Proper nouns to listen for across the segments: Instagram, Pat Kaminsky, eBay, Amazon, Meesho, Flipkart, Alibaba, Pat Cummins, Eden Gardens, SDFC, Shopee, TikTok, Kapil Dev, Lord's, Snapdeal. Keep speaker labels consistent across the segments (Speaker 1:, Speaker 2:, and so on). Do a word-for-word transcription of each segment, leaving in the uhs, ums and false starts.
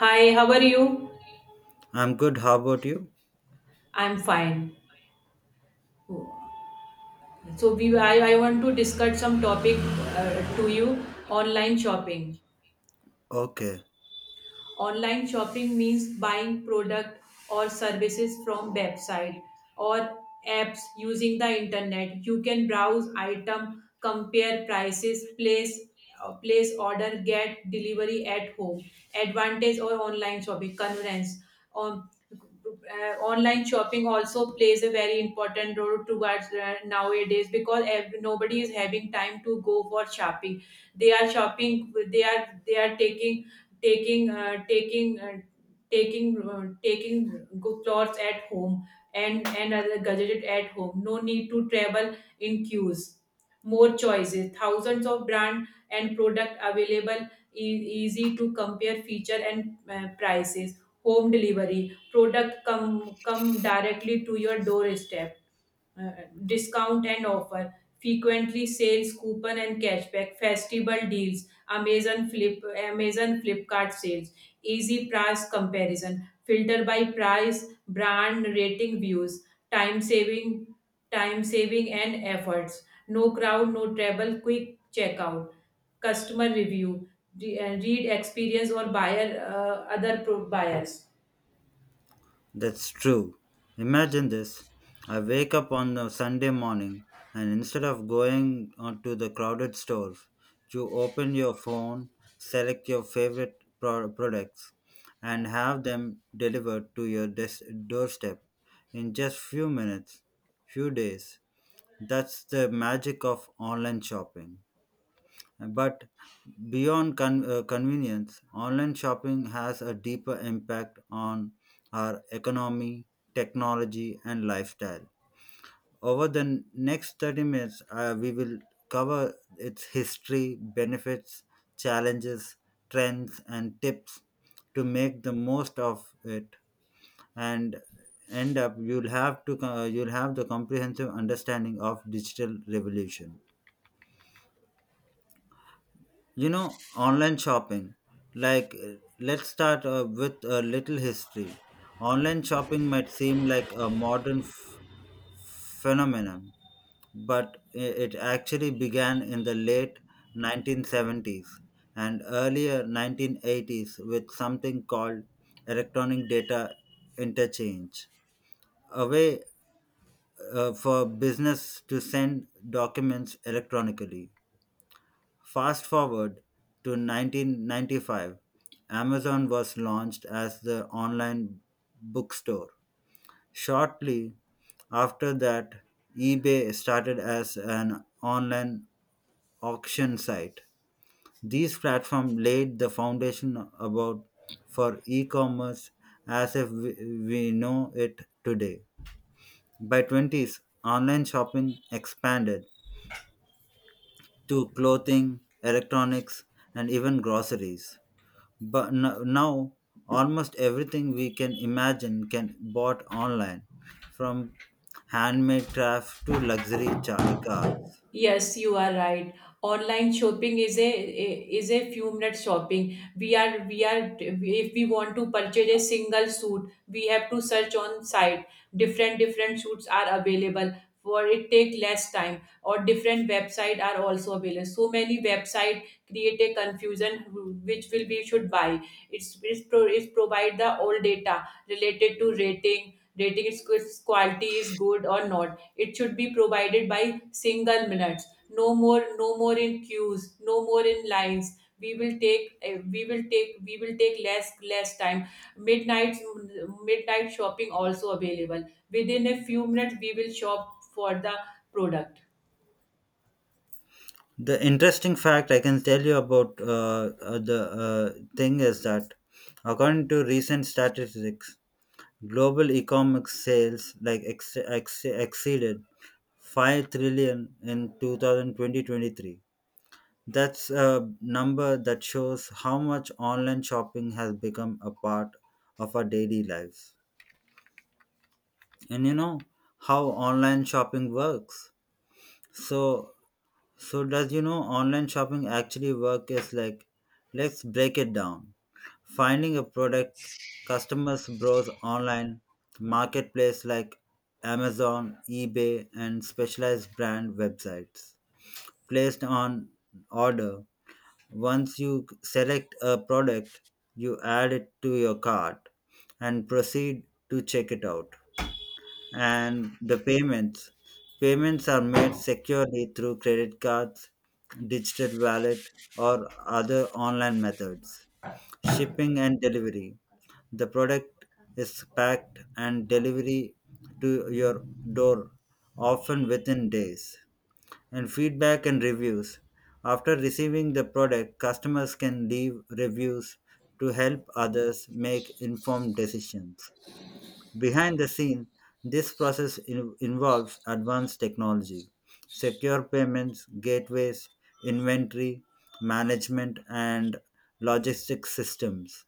Speaker 1: Hi, how are you?
Speaker 2: I'm good, how about you?
Speaker 1: I'm fine. So we I, I want to discuss some topic uh, to you online shopping.
Speaker 2: Okay,
Speaker 1: Online shopping means buying product or services from website or apps using the internet. You can browse item, compare prices, place uh, place order, get delivery at home. Advantage or online shopping convenience. Um, uh, online shopping also plays a very important role towards uh, nowadays because ev- nobody is having time to go for shopping they are shopping they are they are taking taking uh, taking uh, taking uh, taking good clothes at home and and other gadget at home, no need to travel in queues, more choices, thousands of brand and product available, e- easy to compare feature and uh, prices, home delivery product come come directly to your doorstep, uh, discount and offer, frequently sales coupon and cashback, festival deals, amazon flip amazon flipkart sales, easy price comparison, filter by price, brand rating views, time saving time saving and efforts, no crowd, no travel, quick checkout, customer review, re- uh, read experience or buyer uh, other pro- buyers.
Speaker 2: that's true. Imagine this. I wake up on a Sunday morning and instead of going on to the crowded stores, you open your phone, select your favorite pro- products, and have them delivered to your des- doorstep in just few minutes, few days. That's the magic of online shopping. But beyond con- uh, convenience, online shopping has a deeper impact on our economy, technology, and lifestyle. Over the next thirty minutes, uh, we will cover its history, benefits, challenges, trends, and tips to make the most of it, and end up you'll have to co- you'll have the comprehensive understanding of digital revolution. You know online shopping, like uh, let's start uh, with a little history. Online shopping might seem like a modern f- phenomenon, but i- it actually began in the late nineteen seventies and earlier nineteen eighties with something called electronic data interchange, a way uh, for business to send documents electronically. Fast forward to nineteen ninety-five, Amazon was launched as the online bookstore. Shortly after that, eBay started as an online auction site. These platforms laid the foundation about for e-commerce as if we, we know it today. By twenties, online shopping expanded to clothing, electronics, and even groceries. But no- now almost everything we can imagine can bought online, from handmade crafts to luxury cha- uh, cars.
Speaker 1: Yes, you are right. Online shopping is a is a few minute shopping. We are we are if we want to purchase a single suit, we have to search on site. Different different suits are available for it, take less time, or different website are also available. So many website create a confusion which will be should buy. It's it's, pro, it's provide the all data related to rating rating its quality is good or not, it should be provided by single minutes. No more, no more in queues. No more in lines. We will take, eh, we will take, We will take less, less time. Midnight, midnight shopping also available. Within a few minutes, we will shop for the product.
Speaker 2: The interesting fact I can tell you about uh, uh, the uh, thing is that, according to recent statistics, global economic sales like ex- ex- exceeded 5 trillion in two thousand twenty twenty three. That's a number that shows how much online shopping has become a part of our daily lives. And you know how online shopping works. So so does you know online shopping actually work. Is like Let's break it down. Finding a product, customers browse online marketplace like Amazon, eBay, and specialized brand websites. Placed on order. Once you select a product, you add it to your cart and proceed to check it out. And the payments. Payments are made securely through credit cards, digital wallet, or other online methods. Shipping and delivery. The product is packed and delivery to your door, often within days. And feedback and reviews. After receiving the product, customers can leave reviews to help others make informed decisions. Behind the scene, this process in- involves advanced technology, secure payments, gateways, inventory management, and logistics systems.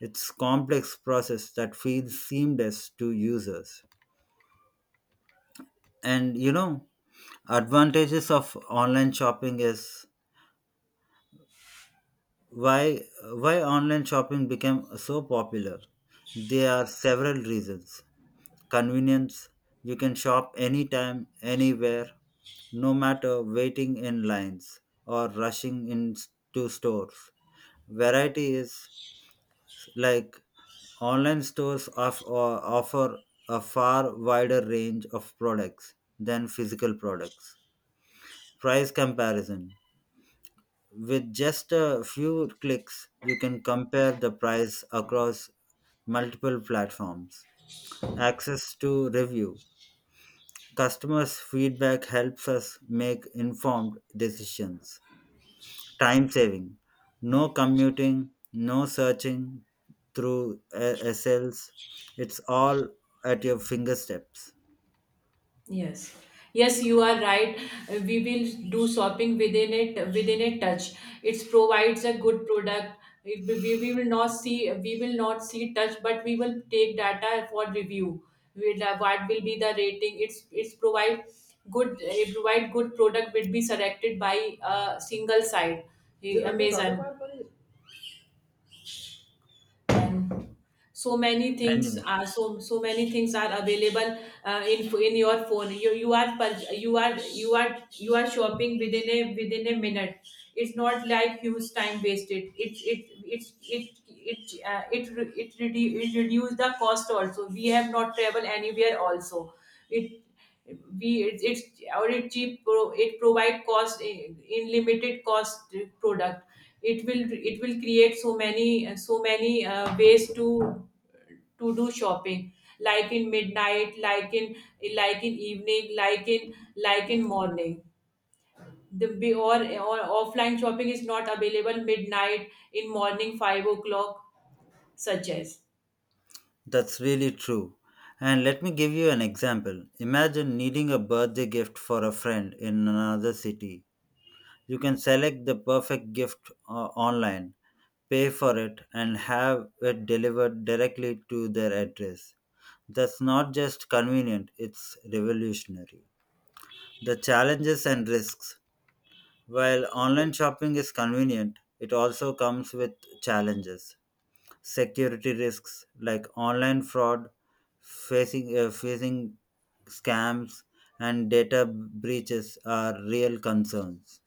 Speaker 2: It's complex process that feels seamless to users. And you know, advantages of online shopping is. Why why online shopping became so popular? There are several reasons. Convenience, you can shop anytime, anywhere, no matter waiting in lines or rushing into stores. Variety is like online stores of, uh, offer a far wider range of products than physical products. Price comparison. With just a few clicks, you can compare the price across multiple platforms. Access to review. Customers' feedback helps us make informed decisions. Time saving. No commuting, no searching through uh, S Ls. It's all at your fingertips.
Speaker 1: Yes, yes, you are right. Uh, We will do shopping within it, within a touch. It provides a good product. It, we, we we will not see, we will not see touch, but we will take data for review. We'll, uh, what will be the rating? It's it's provide good, it provide good product will be selected by a single site, eh, Amazon, and so many
Speaker 2: And yeah,
Speaker 1: things are so so many things are available uh, in in your phone, you you are pur- you are you are you are shopping within a within a minute, it's not like huge time wasted, it it it it it it, uh, it, re- it, redu- it reduce the cost also, we have not travel anywhere also. It we it's, it's or it cheap pro, it provide cost in, in limited cost product. It will it will create so many so many uh, ways to to do shopping, like in midnight, like in like in evening, like in like in morning. The be- or, or offline shopping is not available midnight, in morning five o'clock, such as.
Speaker 2: that's really true. And let me give you an example. Imagine needing a birthday gift for a friend in another city. You can select the perfect gift uh, online, pay for it, and have it delivered directly to their address. That's not just convenient, it's revolutionary. The challenges and risks. While online shopping is convenient, it also comes with challenges. Security risks like online fraud, facing, uh, facing scams, and data breaches are real concerns.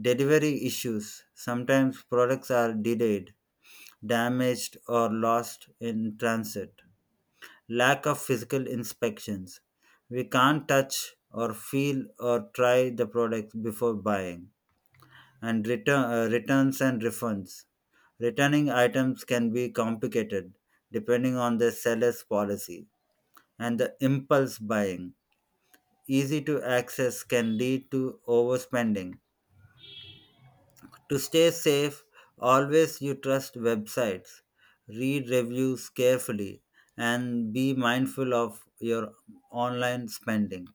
Speaker 2: Delivery issues. Sometimes products are delayed, damaged, or lost in transit. Lack of physical inspections. We can't touch or feel or try the product before buying. And return, uh, returns and refunds. Returning items can be complicated depending on the seller's policy. And the impulse buying. Easy to access can lead to overspending. To stay safe, always you trust websites, read reviews carefully, and be mindful of your online spending.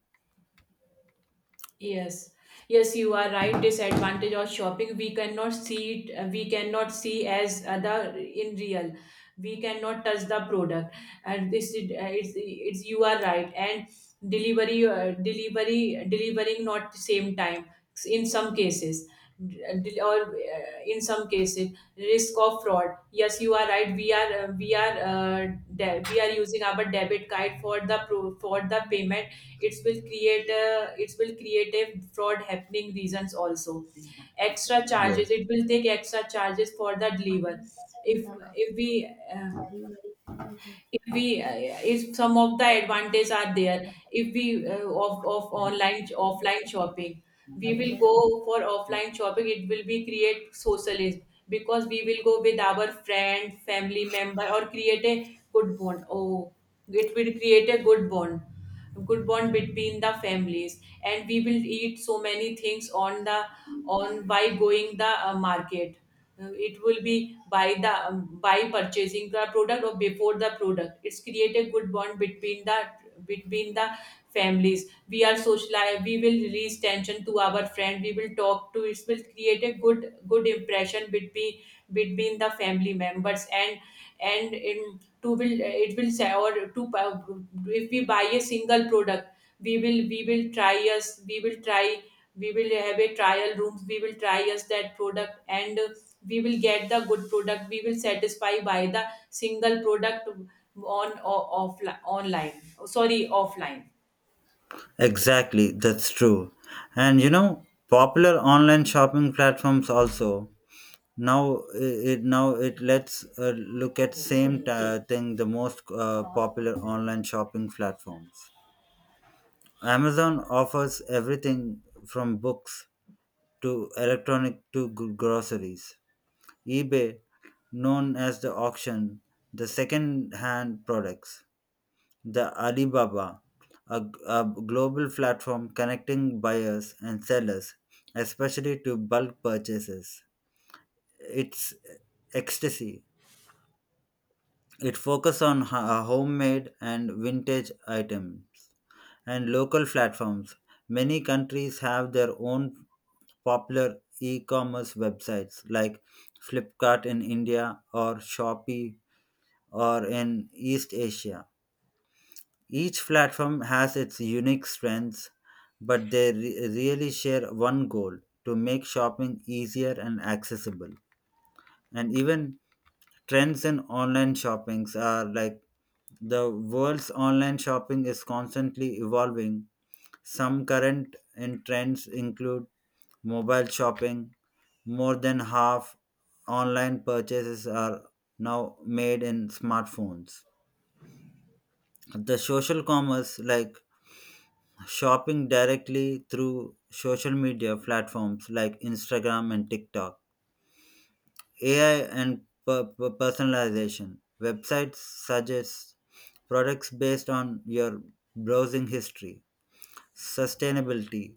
Speaker 1: Yes, yes, you are right. Disadvantage of shopping, we cannot see it, uh, we cannot see as other in real. We cannot touch the product, and this is uh, it's it's you are right. And delivery, uh, delivery, delivering not same time in some cases, del- or uh, in some cases risk of fraud. Yes, you are right, we are uh, we are uh, de- we are using our debit card for the pro- for the payment, it will create a, it will create a fraud happening reasons also. Extra
Speaker 2: Yeah.
Speaker 1: charges It will take extra charges for the deliver. if if we uh, if we uh, if some of the advantages are there, if we uh, of of online offline shopping, we will go for offline shopping, it will be create socialism, because we will go with our friend, family member, or create a good bond. Oh, it will create a good bond, good bond between the families, and we will eat so many things on the on, by going the uh, market. Uh, it will be by the um, by purchasing the product or before the product, it's create a good bond between the between the families. We are socialize, we will release tension to our friend, we will talk to, it will create a good, good impression between, between the family members, and and in two will uh, it will say or two uh, if we buy a single product, we will we will try us we will try, we will have a trial rooms, we will try us that product, and we will get the good product, we will satisfy by the single product on o- offline online, sorry, offline.
Speaker 2: Exactly, that's true. And you know, popular online shopping platforms also now i- it now it lets uh, look at same uh, thing, the most uh, popular online shopping platforms. Amazon offers everything from books to electronic to g- groceries. eBay, known as the auction, the second hand products. The Alibaba, a, a global platform connecting buyers and sellers, especially to bulk purchases. It's ecstasy. It focuses on ho- uh, homemade and vintage items and local platforms. Many countries have their own popular e-commerce websites like Flipkart in India or Shopee or in East Asia. Each platform has its unique strengths, but they re- really share one goal, to make shopping easier and accessible. And even trends in online shoppings are like the world's online shopping is constantly evolving. Some current in trends include mobile shopping. More than half online purchases are now made in smartphones. The social commerce, like shopping directly through social media platforms like Instagram and TikTok. A I and per- per- personalization. Websites suggest products based on your browsing history. Sustainability.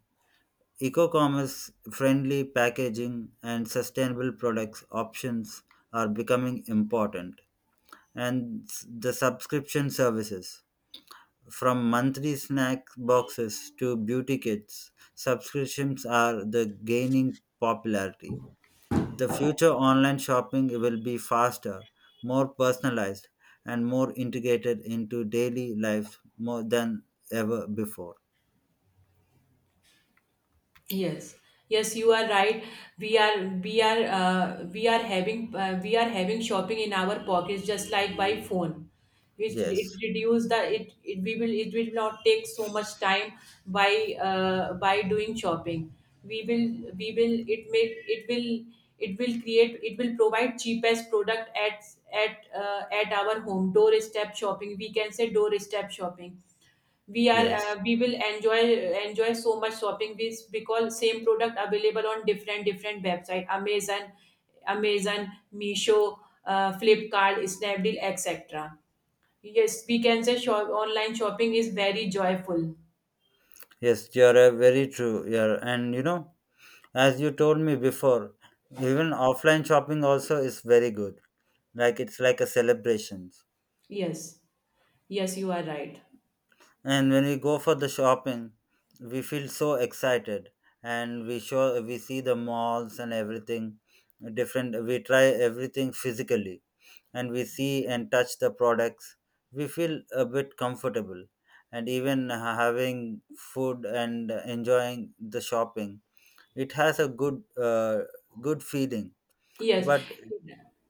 Speaker 2: Eco commerce friendly packaging and sustainable products options are becoming important. And s- the subscription services. From monthly snack boxes to beauty kits, subscriptions are the gaining popularity. The future online shopping will be faster, more personalized, and more integrated into daily life more than ever before.
Speaker 1: Yes, yes, you are right. we are we are uh, we are having uh, We are having shopping in our pockets, just like by phone. it, it
Speaker 2: Yes,
Speaker 1: reduce the it, it we will it will not take so much time by uh, by doing shopping. We will we will it may it will it will create, it will provide cheapest product at at uh, at our home, doorstep shopping, we can say doorstep shopping. We are uh,
Speaker 2: yes,
Speaker 1: we will enjoy, enjoy so much shopping with, because same product available on different different website, amazon amazon, Meesho, uh, flipkart, snapdeal, etc. Yes, we can say shop, online shopping is very joyful.
Speaker 2: yes, you're uh, very true. You're and you know, as you told me before, even offline shopping also is very good. Like it's like a celebration.
Speaker 1: Yes yes you are right.
Speaker 2: And when we go for the shopping, we feel so excited, and we show we see the malls and everything, different, we try everything physically, and we see and touch the products, we feel a bit comfortable, and even ha- having food and enjoying the shopping, it has a good uh, good feeling.
Speaker 1: Yes,
Speaker 2: But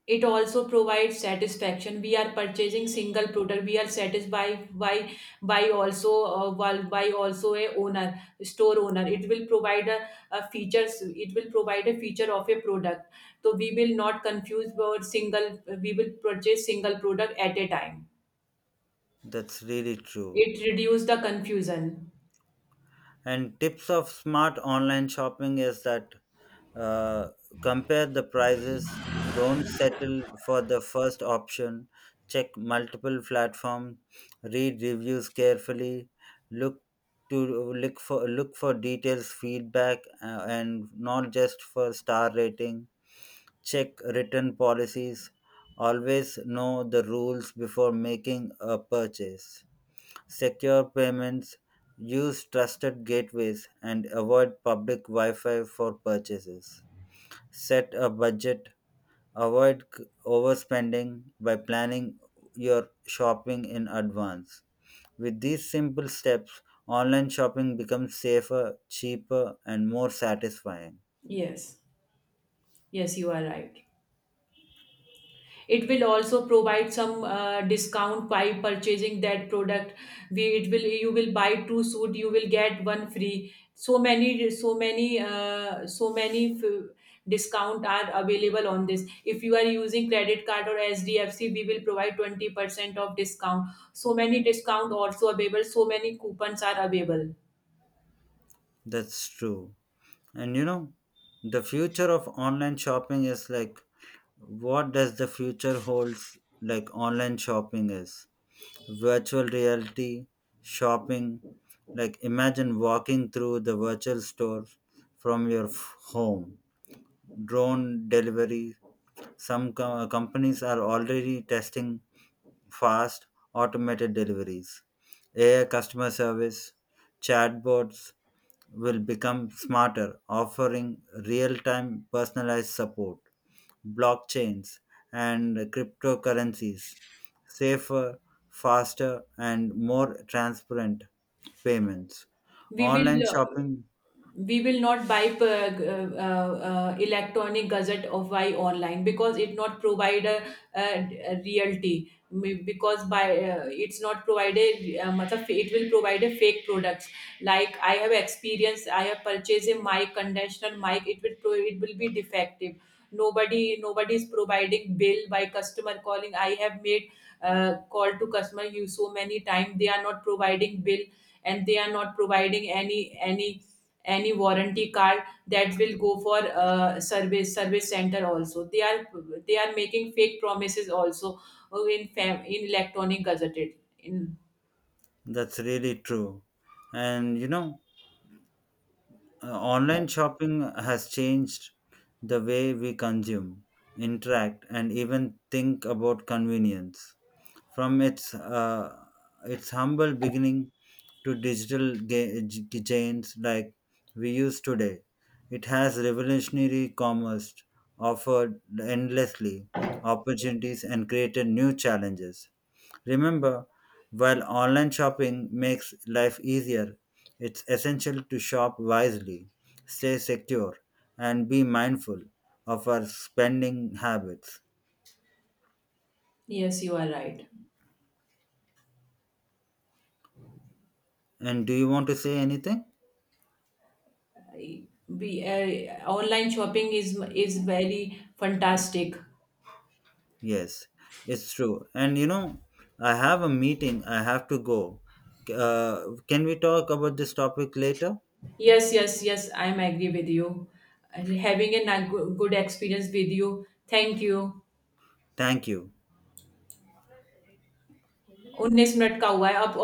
Speaker 1: it also provides satisfaction. We are purchasing single product. We are satisfied by by also uh, while- by also a owner store owner. It will provide a, a features. It will provide a feature of a product. So we will not confuse about single. We will purchase single product at a time.
Speaker 2: that's really true.
Speaker 1: It reduce the confusion.
Speaker 2: And tips of smart online shopping is that, uh, compare the prices, don't settle for the first option, check multiple platforms, read reviews carefully, look to look for look for details feedback, uh, and not just for star rating. Check written policies, always know the rules before making a purchase. Secure payments, use trusted gateways and avoid public wi-fi for purchases. Set a budget, avoid c- overspending by planning your shopping in advance. With these simple steps, online shopping becomes safer, cheaper, and more satisfying.
Speaker 1: Yes, yes, you are right. It will also provide some uh, discount by purchasing that product. We it will, you will buy two suit, you will get one free. So many so many uh, so many f- discount are available on this. If you are using credit card or S D F C, we will provide twenty percent of discount. So many discount also available. So many coupons are available.
Speaker 2: That's true. And you know, the future of online shopping is like what does the future holds. Like online shopping is virtual reality shopping. Like imagine walking through the virtual store from your f- home. Drone delivery. Some co- companies are already testing fast automated deliveries. A I customer service chatbots will become smarter, offering real-time personalized support, blockchains, and cryptocurrencies, safer, faster, and more transparent payments.
Speaker 1: We
Speaker 2: Online
Speaker 1: will. Uh,
Speaker 2: shopping,
Speaker 1: we will not buy p- uh, uh, uh, electronic gazette of why online, because it not provide a, a, a realty. Me- because by uh, it's not provided, uh, matlab it will provide a fake products. Like I have experience, I have purchased a mic, conventional mic, it will pro- it will be defective. Nobody nobody is providing bill. By customer calling, I have made uh, call to customer you so many time, they are not providing bill, and they are not providing any any any warranty card. That will go for uh, service service center, also they are, they are making fake promises also uh, in fam- in electronic gazetted in.
Speaker 2: that's really true. And you know, uh, online shopping has changed the way we consume, interact, and even think about convenience. From its uh, its humble beginning to digital ga- g- giants like we use today, it has revolutionary commerce, offered endlessly opportunities and created new challenges. Remember, while online shopping makes life easier, it's essential to shop wisely, stay secure, and be mindful of our spending habits.
Speaker 1: Yes, you are right.
Speaker 2: And do you want to say anything?
Speaker 1: Be, uh, online shopping is is very fantastic.
Speaker 2: Yes, it's true. And you know, I have a meeting, I have to go. Uh, can we talk about this topic later?
Speaker 1: Yes, yes, yes, I am agree with you. Uh, having a na- good, good experience with you, thank you.
Speaker 2: Thank you.
Speaker 1: उन्नीस minute का हुआ है अब.